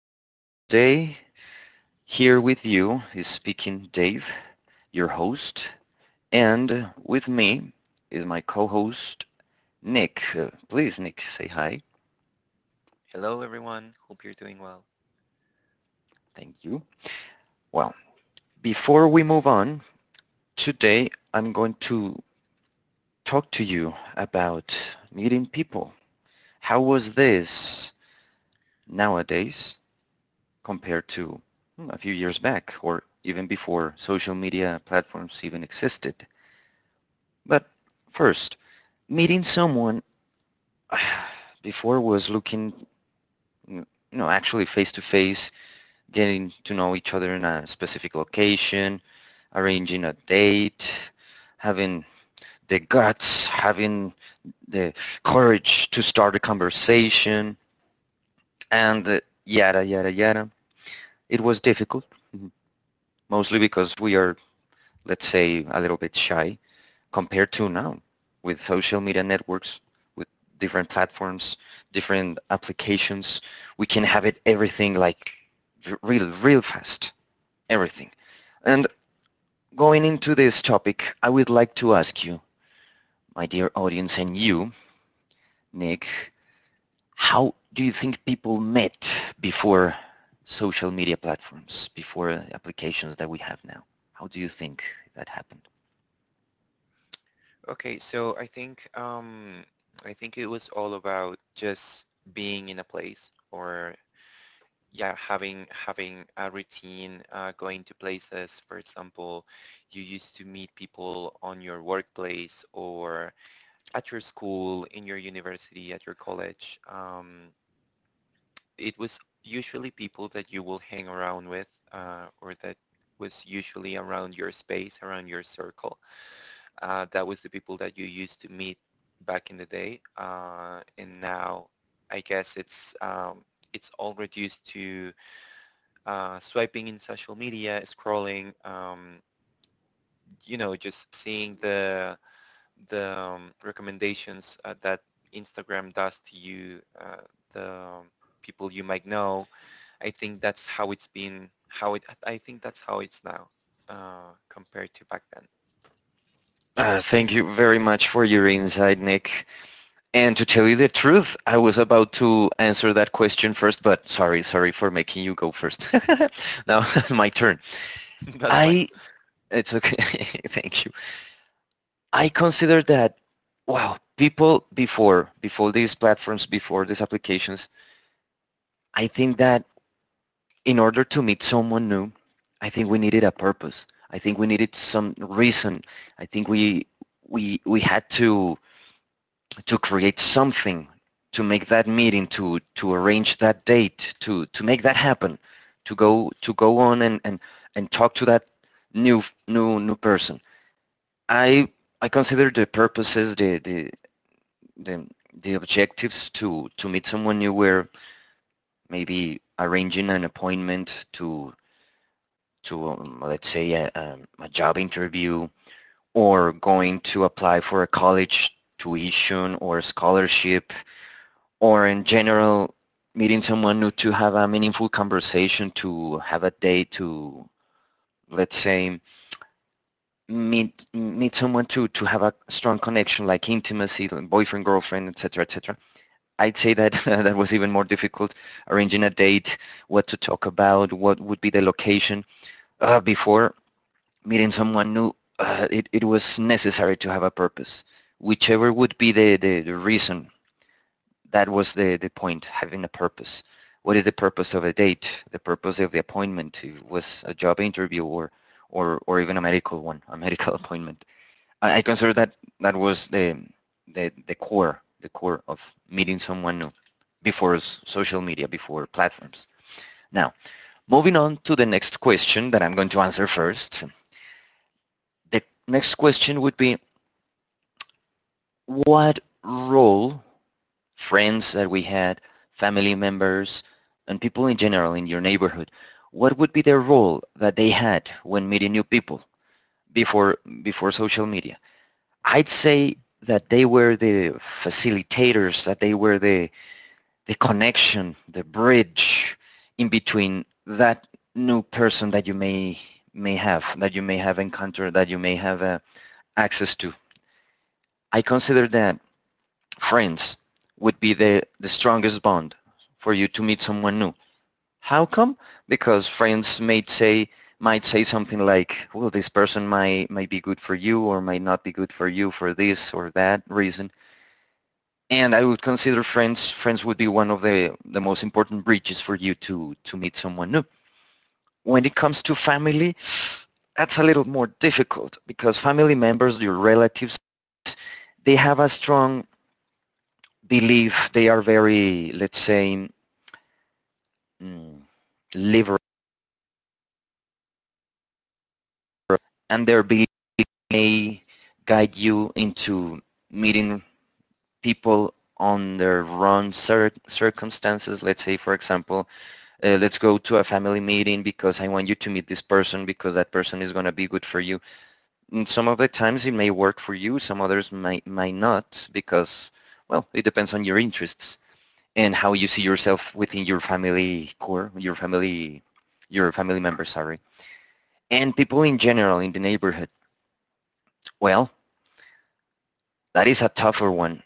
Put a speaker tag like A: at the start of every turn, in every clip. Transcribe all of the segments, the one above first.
A: a wonderful day. Here with you is speaking Dave, your host, and with me is my co-host Nick. Please, Nick, say hi.
B: Hello, everyone. Hope you're doing well.
A: Thank you. Well, before we move on, today I'm going to talk to you about meeting people. How was this nowadays compared to a few years back or even before social media platforms even existed? But first, meeting someone before was looking you actually face to face, getting to know each other in a specific location, arranging a date, having the guts, having the courage to start a conversation, and yada yada yada. It was difficult. Mm-hmm. Mostly because we are, let's say, a little bit shy compared to now with social media networks, with different platforms, different applications. We can have it everything like real, real fast, everything. And going into this topic, I would like to ask you, my dear audience and you, Nick, how do you think people met before social media platforms, before applications that we have now? How do you think that happened?
B: Okay, so I think it was all about just being in a place, or yeah, having a routine, going to places. For example, you used to meet people on your workplace or at your school, in your university, at your college. It was usually people that you will hang around with, or that was usually around your space, around your circle. That was the people that you used to meet back in the day, and now I guess it's all reduced to swiping in social media, scrolling, just seeing the recommendations that Instagram does to you, the people you might know. I think that's how it's been. How it. I think that's how it's now compared to back then.
A: Thank you very much for your insight, Nick. And to tell you the truth, I was about to answer that question first, but sorry, sorry for making you go first. Now my turn.
B: That's mine.
A: I, it's okay, thank you. I consider that, wow, people before, before these platforms, before these applications, I think that in order to meet someone new, I think we needed a purpose. I think we needed some reason. I think we had to create something, to make that meeting, to arrange that date, to make that happen, to go on and and talk to that new new person. I I consider the purposes, the, the objectives to meet someone new were maybe arranging an appointment to let's say a job interview, or going to apply for a college tuition or scholarship, or in general meeting someone new to have a meaningful conversation, to have a date, to, let's say, meet someone to have a strong connection, like intimacy, like boyfriend girlfriend, etc. etc. I'd say that that was even more difficult. Arranging a date, what to talk about, what would be the location. Before meeting someone new, it was necessary to have a purpose, whichever would be the reason. That was the point, having a purpose. What is the purpose of a date? The purpose of the appointment was a job interview, or even a medical one, a medical appointment. I consider that that was the core of meeting someone new before social media, before platforms. Now, moving on to the next question that I'm going to answer first. The next question would be, what role friends that we had, family members, and people in general in your neighborhood, what would be their role that they had when meeting new people before social media? I'd say that they were the facilitators, that they were the connection, the bridge in between that new person that you may have, that you may have encountered, that you may have access to. I consider that friends would be the strongest bond for you to meet someone new. How come? Because friends might say, something like, "Well, this person might be good for you, or might not be good for you for this or that reason." And I would consider friends would be one of the most important bridges for you to meet someone new. When it comes to family, that's a little more difficult because family members, your relatives, they have a strong believe, they are very, let's say, mm, liberal, and their belief may guide you into meeting people on their wrong circumstances. Let's say, for example, let's go to a family meeting because I want you to meet this person because that person is going to be good for you. And some of the times it may work for you, some others might not, because well, it depends on your interests and how you see yourself within your family core, your family members, sorry, and people in general in the neighborhood. Well, that is a tougher one.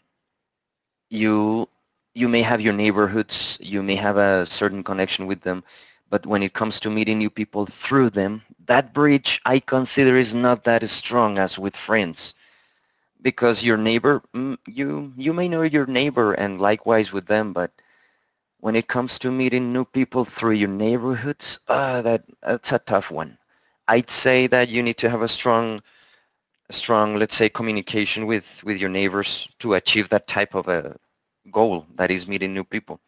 A: You you may have your neighborhoods, you may have a certain connection with them, but when it comes to meeting new people through them, that bridge I consider is not that strong as with friends, because your neighbor, you you may know your neighbor and likewise with them. But when it comes to meeting new people through your neighborhoods, that's a tough one. I'd say that you need to have a strong, strong, let's say, communication with your neighbors to achieve that type of a goal, that is meeting new people.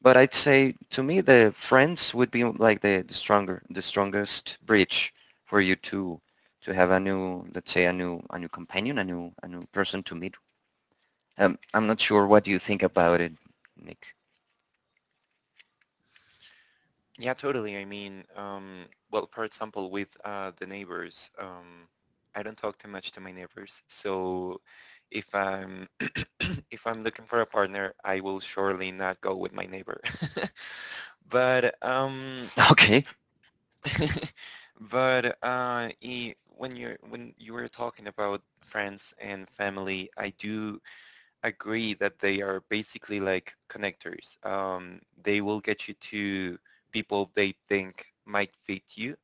A: But I'd say to me, the friends would be like the stronger, the strongest bridge for you to have a new, let's say, a new companion, a new person to meet. I'm not sure what do you think about it, Nick.
B: Yeah, totally. Well, for example, with the neighbors, I don't talk too much to my neighbors. So if I'm if I'm looking for a partner, I will surely not go with my neighbor. But
A: Okay.
B: But when you were talking about friends and family, I do agree that they are basically like connectors. They will get you to people they think might fit you,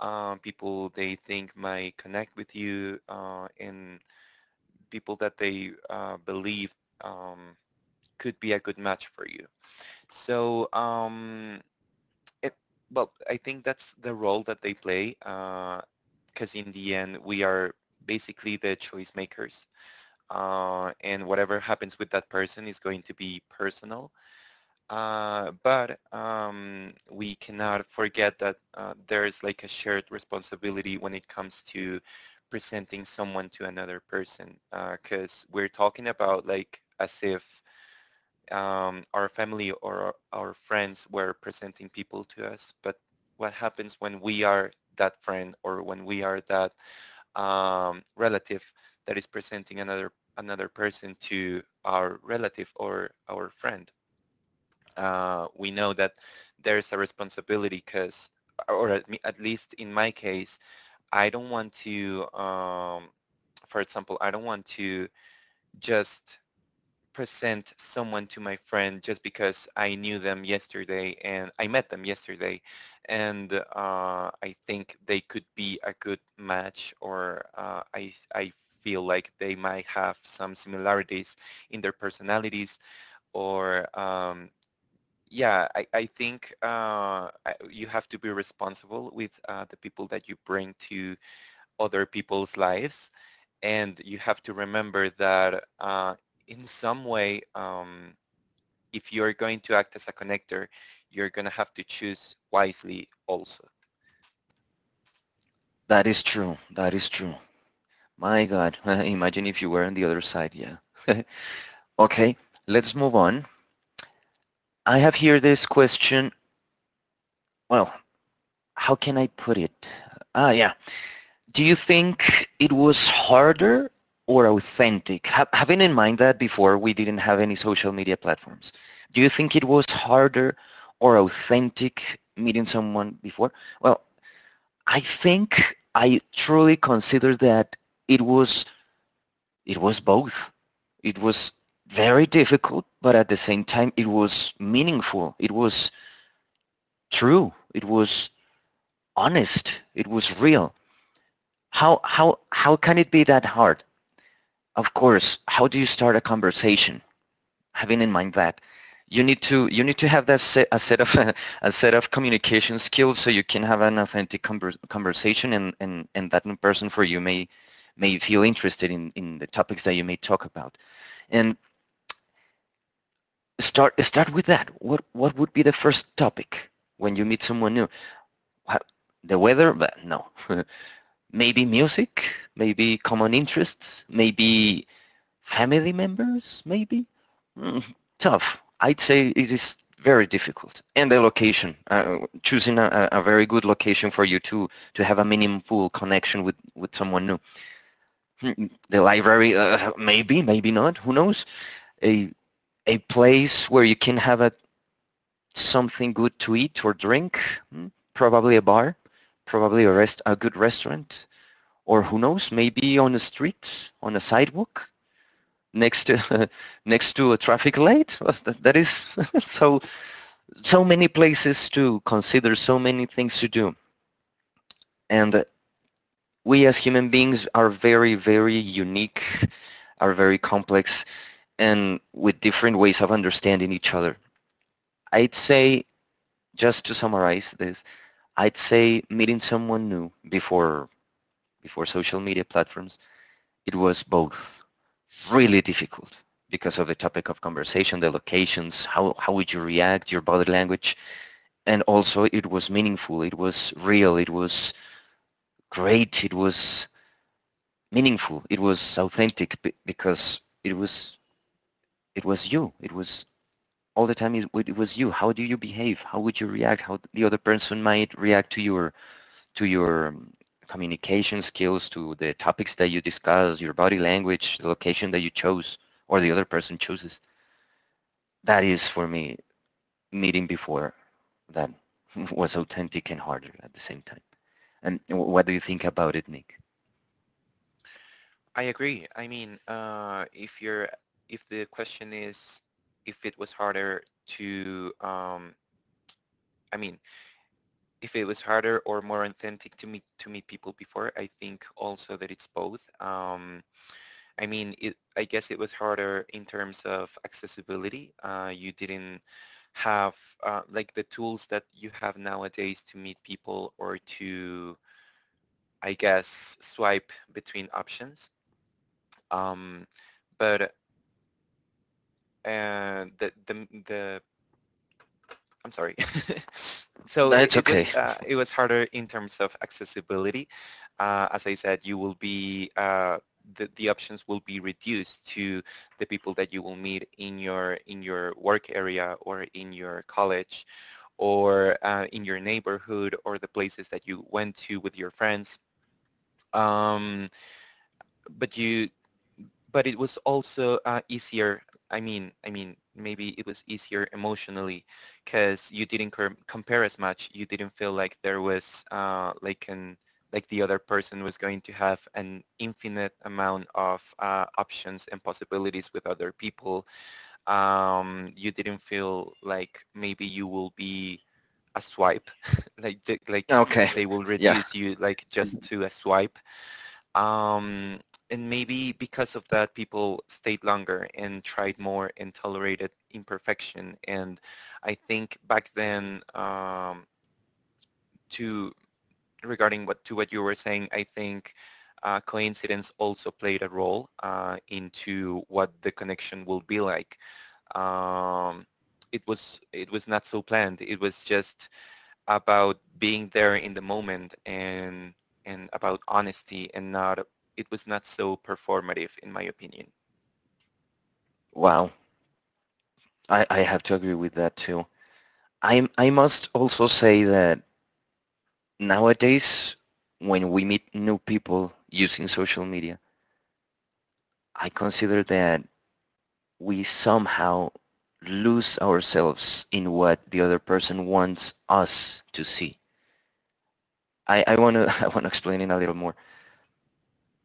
B: people they think might connect with you, and people that they believe um, could be a good match for you. So, um, it, well, I think that's the role that they play, because in the end, we are basically the choice makers, and whatever happens with that person is going to be personal. But we cannot forget that there is like a shared responsibility when it comes to presenting someone to another person, because we're talking about like as if our family or our friends were presenting people to us. But what happens when we are that friend or when we are that relative that is presenting another person to our relative or our friend? We know that there's a responsibility because, or at least in my case, I don't want to, for example, I don't want to just present someone to my friend just because I knew them yesterday and I met them yesterday and I think they could be a good match or I feel like they might have some similarities in their personalities or yeah, I think you have to be responsible with the people that you bring to other people's lives. And you have to remember that in some way, um, if you're going to act as a connector, you're going to have to choose wisely also.
A: That is true. That is true. My God. Imagine if you were on the other side. Yeah. Okay. Let's move on. I have here this question. Well, how can I put it? Ah, yeah. Do you think it was harder or authentic? Having in mind that before we didn't have any social media platforms, do you think it was harder or authentic meeting someone before? Well, I think I truly consider that it was it was both. It was very difficult, but at the same time, it was meaningful. It was true. It was honest. It was real. How can it be that hard? Of course, how do you start a conversation? Having in mind that you need to have that a set of, a set of communication skills so you can have an authentic conversation, and that new person for you may feel interested in the topics that you may talk about. And start with that. What would be the first topic when you meet someone new? The weather, but no. Maybe music, maybe common interests, maybe family members, maybe. Mm, Tough. I'd say it is very difficult. And the location, choosing a very good location for you to have a meaningful connection with someone new. The library, maybe, maybe not. Who knows? A a place where you can have a something good to eat or drink, hmm, probably a bar, probably a good restaurant, or who knows, maybe on a street, on a sidewalk, next to next to a traffic light. Well, that is so so many places to consider, so many things to do, and we as human beings are very very unique, are very complex, and with different ways of understanding each other. I'd say, just to summarize this, I'd say meeting someone new before social media platforms, it was both really difficult because of the topic of conversation, the locations, how would you react, your body language. And also it was meaningful, it was real, it was great, it was meaningful, it was authentic because it was you. It was all the time it was you. How do you behave? How would you react? How the other person might react to your communication skills, to the topics that you discuss, your body language, the location that you chose or the other person chooses. That is for me meeting before that was authentic and harder at the same time. And what do you think about it, Nick?
B: I agree. I mean, if the question is if it was harder to, I mean, if it was harder or more authentic to meet people before, I think also that it's both. I mean I guess it was harder in terms of accessibility. You didn't have like the tools that you have nowadays to meet people or to, I guess, swipe between options. Um, but the I'm sorry. So
A: That's okay.
B: it was harder in terms of accessibility. As I said, you will be the options will be reduced to the people that you will meet in your work area or in your college or in your neighborhood or the places that you went to with your friends. Um, but you but it was also easier. I mean, maybe it was easier emotionally because you didn't compare as much. You didn't feel like there was like the other person was going to have an infinite amount of options and possibilities with other people. You didn't feel like maybe you will be a swipe, like
A: Okay.
B: they will
A: Yeah.
B: reduce you like just to a swipe, um, and maybe because of that, people stayed longer and tried more and tolerated imperfection. And I think back then, to regarding what you were saying, I think coincidence also played a role into what the connection will be like. Um, it was not so planned. It was just about being there in the moment and about honesty and not it was not so performative in my opinion.
A: Wow. I have to agree with that too. I must also say that nowadays when we meet new people using social media, I consider that we somehow lose ourselves in what the other person wants us to see. I want to I want to explain it a little more.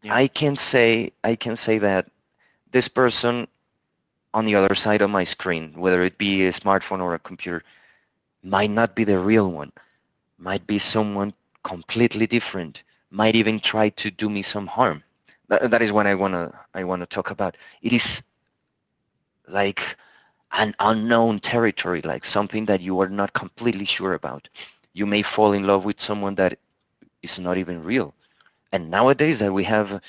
B: Yeah.
A: I can say that this person on the other side of my screen, whether it be a smartphone or a computer, might not be the real one. Might be someone completely different. Might even try to do me some harm. That is what I wanna talk about. It is like an unknown territory, like something that you are not completely sure about. You may fall in love with someone that is not even real. And nowadays that we have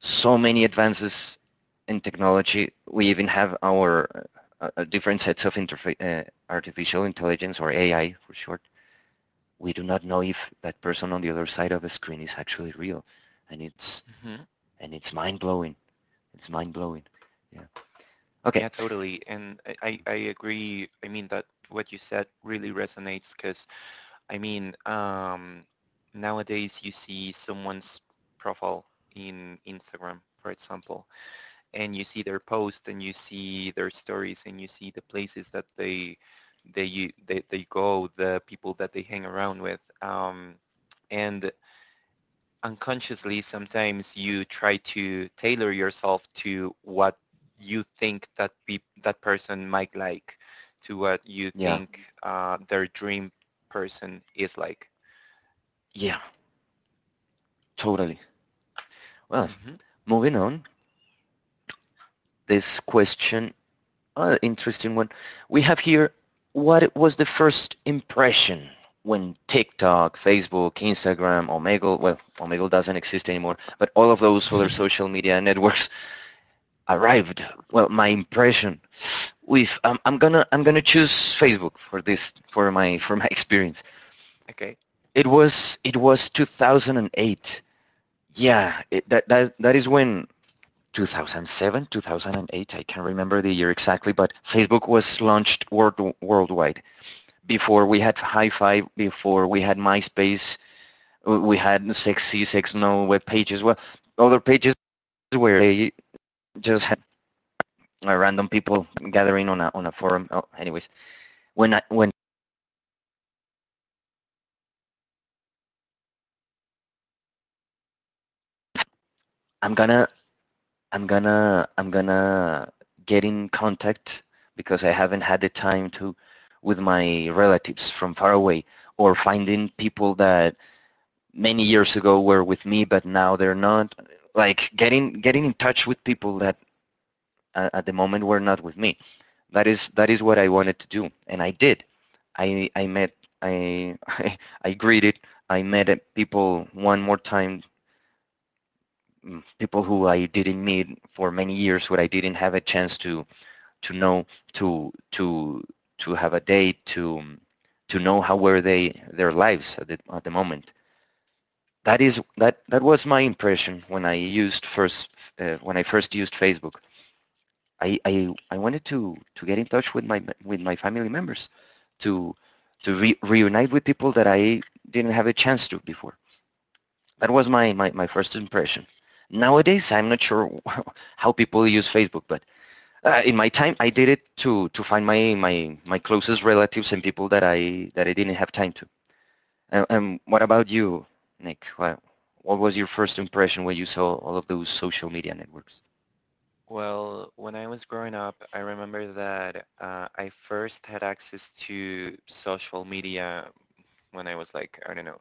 A: so many advances in technology, we even have our different sets of interfa- artificial intelligence, or AI for short. We do not know if that person on the other side of a screen is actually real, and it's
B: Hmm.
A: and it's mind blowing. It's mind blowing. Yeah. Okay.
B: Yeah, totally. And I agree. I mean, that what you said really resonates because I mean, nowadays you see someone's profile in Instagram, for example, and you see their posts and you see their stories and you see the places that they they go, the people that they hang around with, and unconsciously sometimes you try to tailor yourself to what you think that pe that person might like, to what you
A: Yeah.
B: think their dream person is like.
A: Yeah. Totally. Well,
B: Hmm.
A: Moving on this question. Interesting one. We have here, what was the first impression when TikTok, Facebook, Instagram, Omegle, well, Omegle doesn't exist anymore, but all of those other social media networks arrived. Well, my impression with I'm gonna choose Facebook for this for my experience.
B: Okay.
A: It was 2008. Yeah, it, that that that is when 2007, 2008, I can't remember the year exactly, but Facebook was launched worldwide. Before we had hi 5, before we had MySpace, we had Sexno web pages, well, other pages where they just had random people gathering on on a forum. Oh, anyways, when I'm gonna, I'm gonna get in contact, because I haven't had the time to, with my relatives from far away, or finding people that many years ago were with me, but now they're not. Like getting in touch with people that at the moment were not with me. That is what I wanted to do, and I did. I met I I greeted. I met people one more time. People who I didn't meet for many years, who I didn't have a chance to know, to to have a date, to know how were they their lives at at the moment. That that was my impression when I used first when I first used Facebook. I wanted to get in touch with my family members, to to reunite with people that I didn't have a chance to before. That was my first impression. Nowadays, I'm not sure how people use Facebook, but in my time, I did it to find my my my closest relatives and people that I didn't have time to. And what about you, Nick? What was your first impression when you saw all of those social media networks?
B: Well, when I was growing up, I remember that I first had access to social media when I was like, I don't know,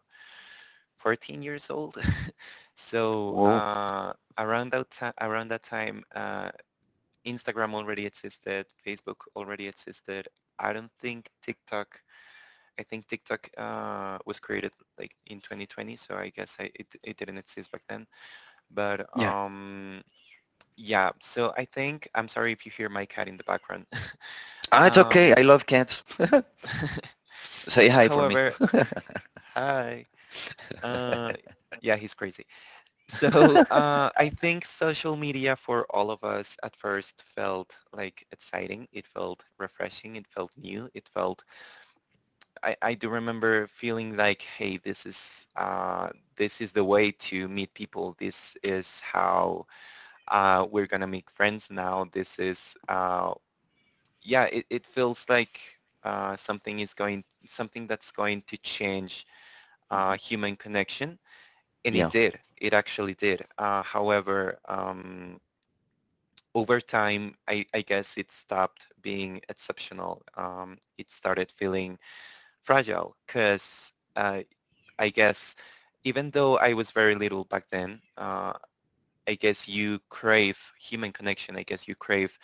B: 14 years old. So
A: Whoa.
B: around that time, Instagram already existed, Facebook already existed. I don't think TikTok. I think TikTok was created like in 2020, so I guess it it didn't exist back then. But
A: Yeah.
B: yeah, so I think I'm sorry if you hear my cat in the background.
A: Ah, it's okay.
B: Um,
A: I love cats. Say hi for me.
B: however, hi. Uh, yeah, he's crazy. So I think social media for all of us at first felt like exciting. It felt refreshing. It felt new. It felt. I do remember feeling like, hey, this is the way to meet people. This is how we're gonna make friends now. This is. Yeah, it feels like something that's going to change
A: Mm-hmm.
B: human connection, and it
A: Yeah.
B: did. It actually did. Over time, I guess it stopped being exceptional. It started feeling fragile because I guess even though I was very little back then, I guess you crave human connection. I guess you crave,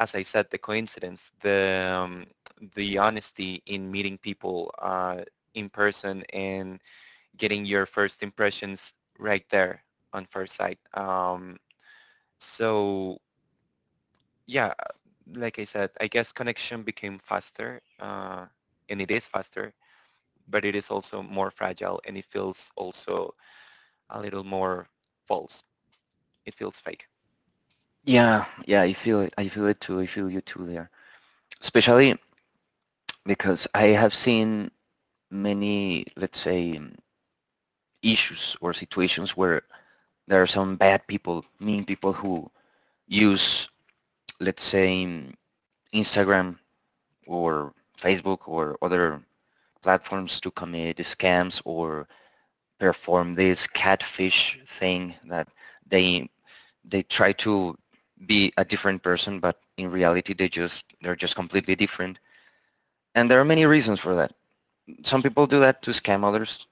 B: as I said, the coincidence, the honesty in meeting people in person and getting your first impressions right there on first sight. So yeah, like I said, I guess connection became faster, and it is faster, but it is also more fragile, and it feels also a little more false. It feels fake.
A: Yeah. Yeah. I feel it. I feel it too. I feel you too there. Especially because I have seen many, let's say, issues or situations where there are some bad people, mean people who use, let's say, Instagram or Facebook or other platforms to commit scams or perform this catfish thing that they they try to be a different person, but in reality they're just completely different. And there are many reasons for that. Some people do that to scam others,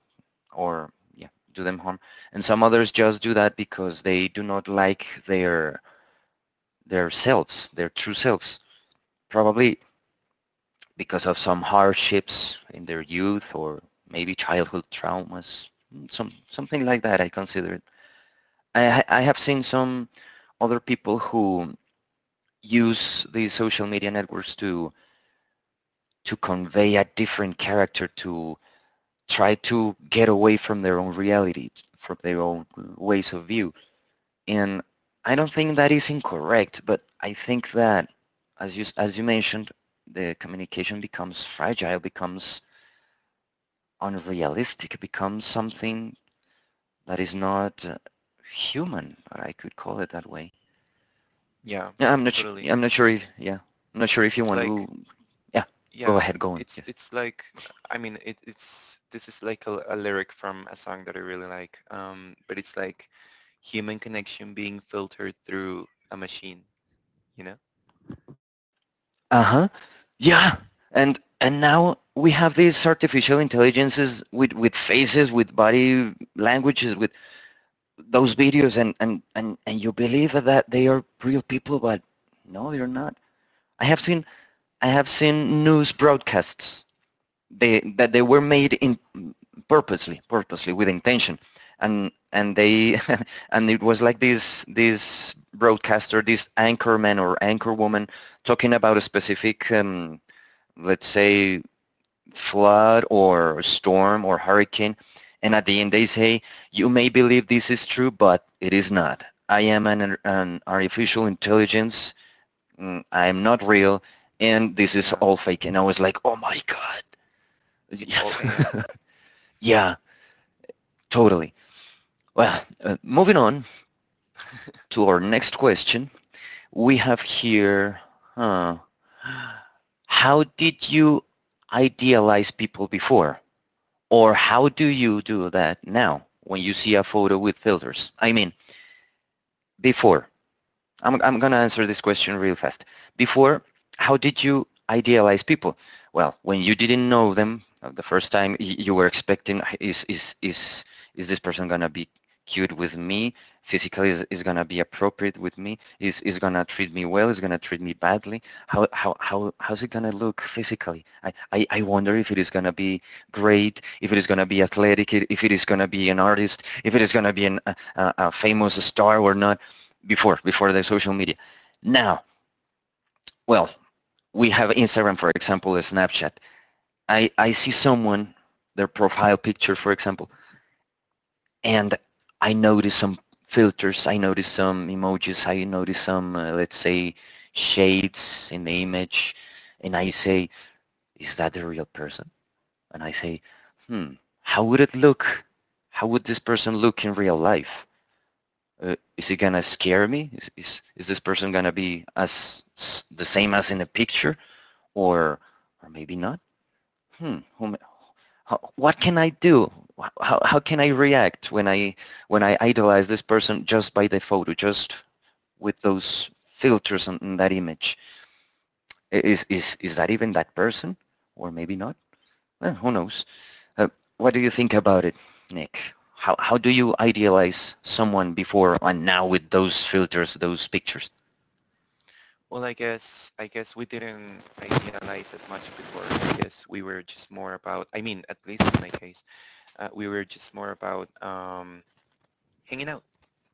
A: or yeah, do them harm. And some others just do that because they do not like their selves their true selves, probably because of some hardships in their youth, or maybe childhood traumas, something like that, I consider it. I have seen some other people who use these social media networks to convey a different character, to try to get away from their own reality, from their own ways of view. And I don't think that is incorrect, but I think that, as you mentioned, the communication becomes fragile, becomes unrealistic, becomes something that is not human. Or I could call it that way.
B: Yeah, totally.
A: I'm not sure if. Yeah, I'm not sure if you
B: It's
A: want
B: like.
A: to. Yeah, go
B: Yeah,
A: ahead. Go on. Yes.
B: it's like, I mean it, it's this is like a lyric from a song that I really like. But it's like human connection being filtered through a machine, you know?
A: Uh huh. Yeah. And now we have these artificial intelligences with faces, with body languages, with those videos, and you believe that they are real people, but no, they're not. I have seen I have seen news broadcasts they, that they were made in purposely, with intention, and they and it was like this broadcaster, this anchorman or anchorwoman talking about a specific, let's say, flood or storm or hurricane, and at the end they say, "You may believe this is true, but it is not. I am an artificial intelligence. I am not real, and this is
B: Yeah,
A: all fake." And I was like, oh my god.
B: it's
A: Yeah.
B: all AI.
A: Yeah, totally. Well, moving on to our next question, we have here, huh, how did you idealize people before? Or how do you do that now when you see a photo with filters? I mean, before. I'm going to answer this question real fast. Before, how did you idealize people? Well, when you didn't know them the first time, you were expecting, "Hey, is this person going to be cute with me? Physically, is going to be appropriate with me? Is going to treat me well? Is going to treat me badly? How's it going to look physically? I wonder if it is going to be great, if it is going to be athletic, if it is going to be an artist, if it is going to be a famous star or not, before the social media." Now, well, we have Instagram, for example, Snapchat. I see someone, their profile picture, for example, and I notice some filters, I notice some emojis, I notice some, let's say, shades in the image, and I say, is that the real person? And I say, hmm, how would it look? How would this person look in real life? Is he gonna scare me? Is this person gonna be as the same as in a picture, or or maybe not? Hmm. Whom, how, what can I do? How can I react when I idolize this person just by the photo, just with those filters on that image? Is that even that person, or maybe not? Eh, who knows? Uh, what do you think about it, Nick? How do you idealize someone before and now with those filters, those pictures?
B: Well, I guess we didn't idealize as much before. I guess we were just more about, I mean, at least in my case, we were just more about hanging out,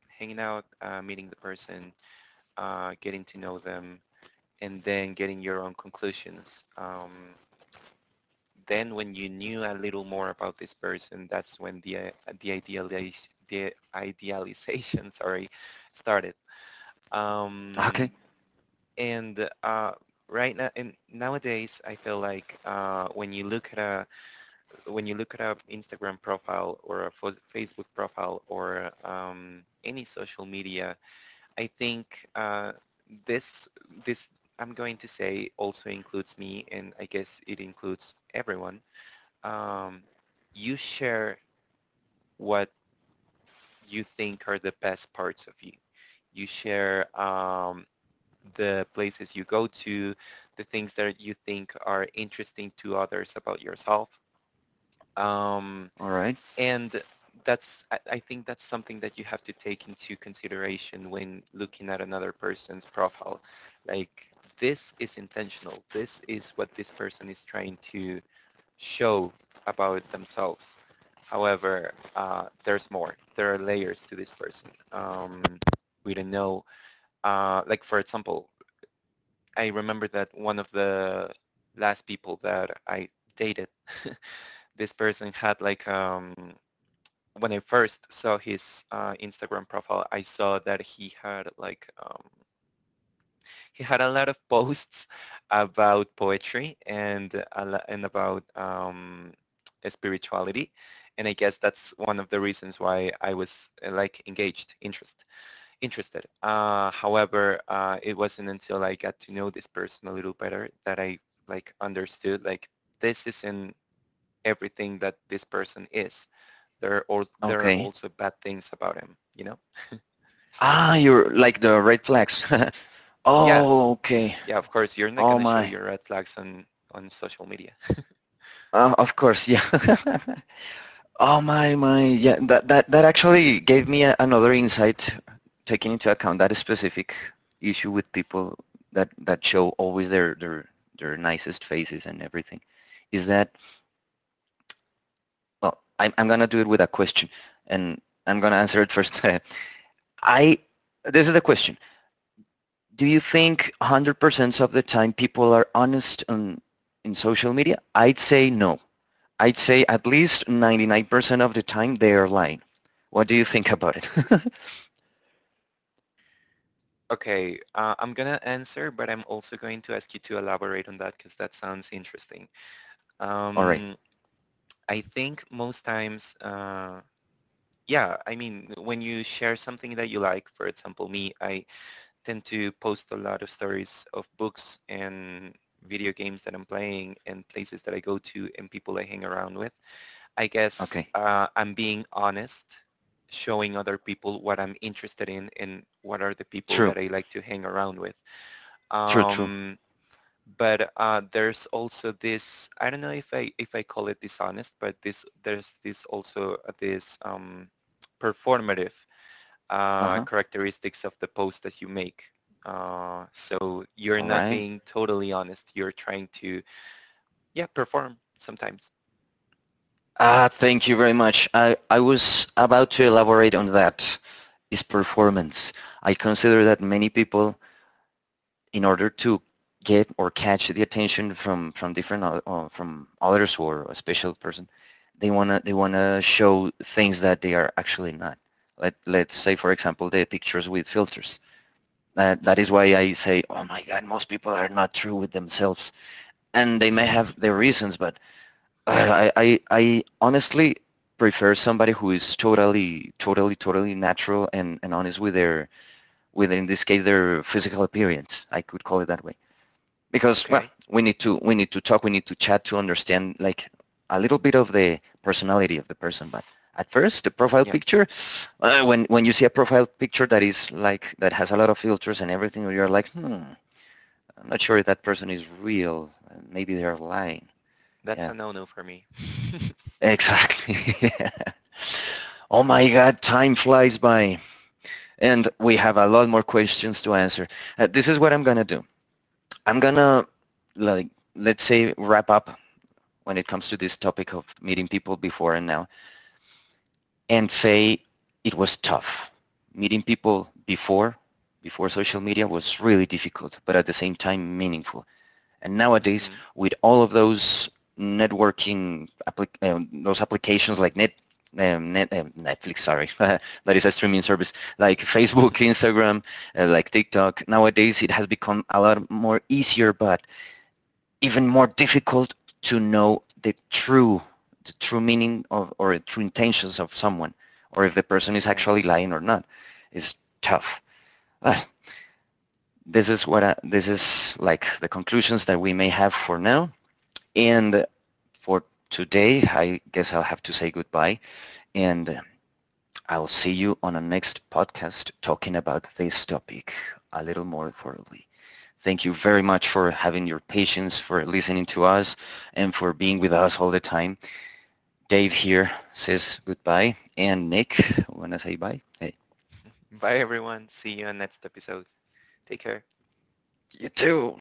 B: hanging out, meeting the person, getting to know them, and then getting your own conclusions. Then when you knew a little more about this person, that's when the idealization sorry, started. Um,
A: Okay.
B: and right now and nowadays I feel like when you look at a Instagram profile or a Facebook profile or any social media, I think this this I'm going to say also includes me and I guess it includes everyone. um, you share what you think are the best parts of you. You share the places you go to, the things that you think are interesting to others about yourself. Um,
A: All right.
B: and that's, I think that's something that you have to take into consideration when looking at another person's profile. Like, this is intentional. This is what this person is trying to show about themselves. However, there's more. There are layers to this person. We don't know. Like for example, I remember that one of the last people that I dated, this person had like, when I first saw his Instagram profile, I saw that he had like, he had a lot of posts about poetry and about spirituality, and I guess that's one of the reasons why I was like engaged, interested. However, it wasn't until I got to know this person a little better that I like understood like this isn't everything that this person is. There are there are
A: Okay.
B: also bad things about him. You know?
A: Ah, you're like the red flags.
B: Yeah,
A: Oh, okay.
B: yeah. Of course, you're not
A: Oh
B: gonna show
A: my.
B: your red flags on social media.
A: Of course, yeah. Oh my, my. Yeah, that actually gave me a, another insight, taking into account that specific issue with people that show always their nicest faces and everything, is that, well, I'm gonna do it with a question, and I'm gonna answer it first. I, this is the question. Do you think 100% of the time people are honest on, in social media? I'd say no. I'd say at least 99% of the time they are lying. What do you think about it?
B: Okay, I'm gonna answer, but I'm also going to ask you to elaborate on that because that sounds interesting.
A: All right.
B: Um, I think most times, yeah, I mean, when you share something that you like, for example, me, I tend to post a lot of stories of books and video games that I'm playing and places that I go to and people I hang around with. I guess
A: Okay.
B: I'm being honest showing other people what I'm interested in and what are the people
A: True.
B: that I like to hang around with.
A: True, true.
B: Um, but there's also I don't know if I call it dishonest, but there's this also this performative
A: Uh-huh.
B: characteristics of the post that you make. So you're
A: All
B: not
A: right.
B: being totally honest. You're trying to, yeah, perform sometimes.
A: Ah, thank you very much. I was about to elaborate on that, is performance. I consider that many people, in order to get or catch the attention from different from others or a special person, they want to show things that they are actually not. Let's say, for example, the pictures with filters. That is
B: Hmm.
A: why I say, oh my god, most people are not true with themselves, and they may have their reasons. But I honestly prefer somebody who is totally natural and honest with their, with, in this case, their physical appearance, I could call it that way. Because, well,
B: Okay.
A: we need to talk, we need to chat, to understand like a little bit of the personality of the person. But at first, the profile
B: Yeah,
A: picture, when you see a profile picture that is like that has a lot of filters and everything, you're like, hmm, I'm not sure if that person is real, maybe they're lying.
B: that's
A: Yeah,
B: a no-no for me.
A: exactly. Oh my god, time flies by, and we have a lot more questions to answer. This is what I'm gonna do. I'm gonna, like, let's say, wrap up when it comes to this topic of meeting people before and now, and say it was tough. Meeting people before, before social media, was really difficult, but at the same time meaningful. And nowadays,
B: Hmm.
A: with all of those networking, those applications like Netflix, sorry, that is a streaming service, like Facebook, Instagram, like TikTok. Nowadays, it has become a lot more easier, but even more difficult to know the true, the true meaning of, or the true intentions of someone, or if the person is
B: Yeah.
A: actually lying or not. Is tough. uh, this is what I, this is like the conclusions that we may have for now. And for today, I guess I'll have to say goodbye, and I'll see you on a next podcast talking about this topic a little more thoroughly. Thank you very much for having your patience, for listening to us, and for being with us all the time. Dave here says goodbye, and Nick, wanna say bye? Hey,
B: Bye, everyone. See you on next episode. Take care.
A: you too.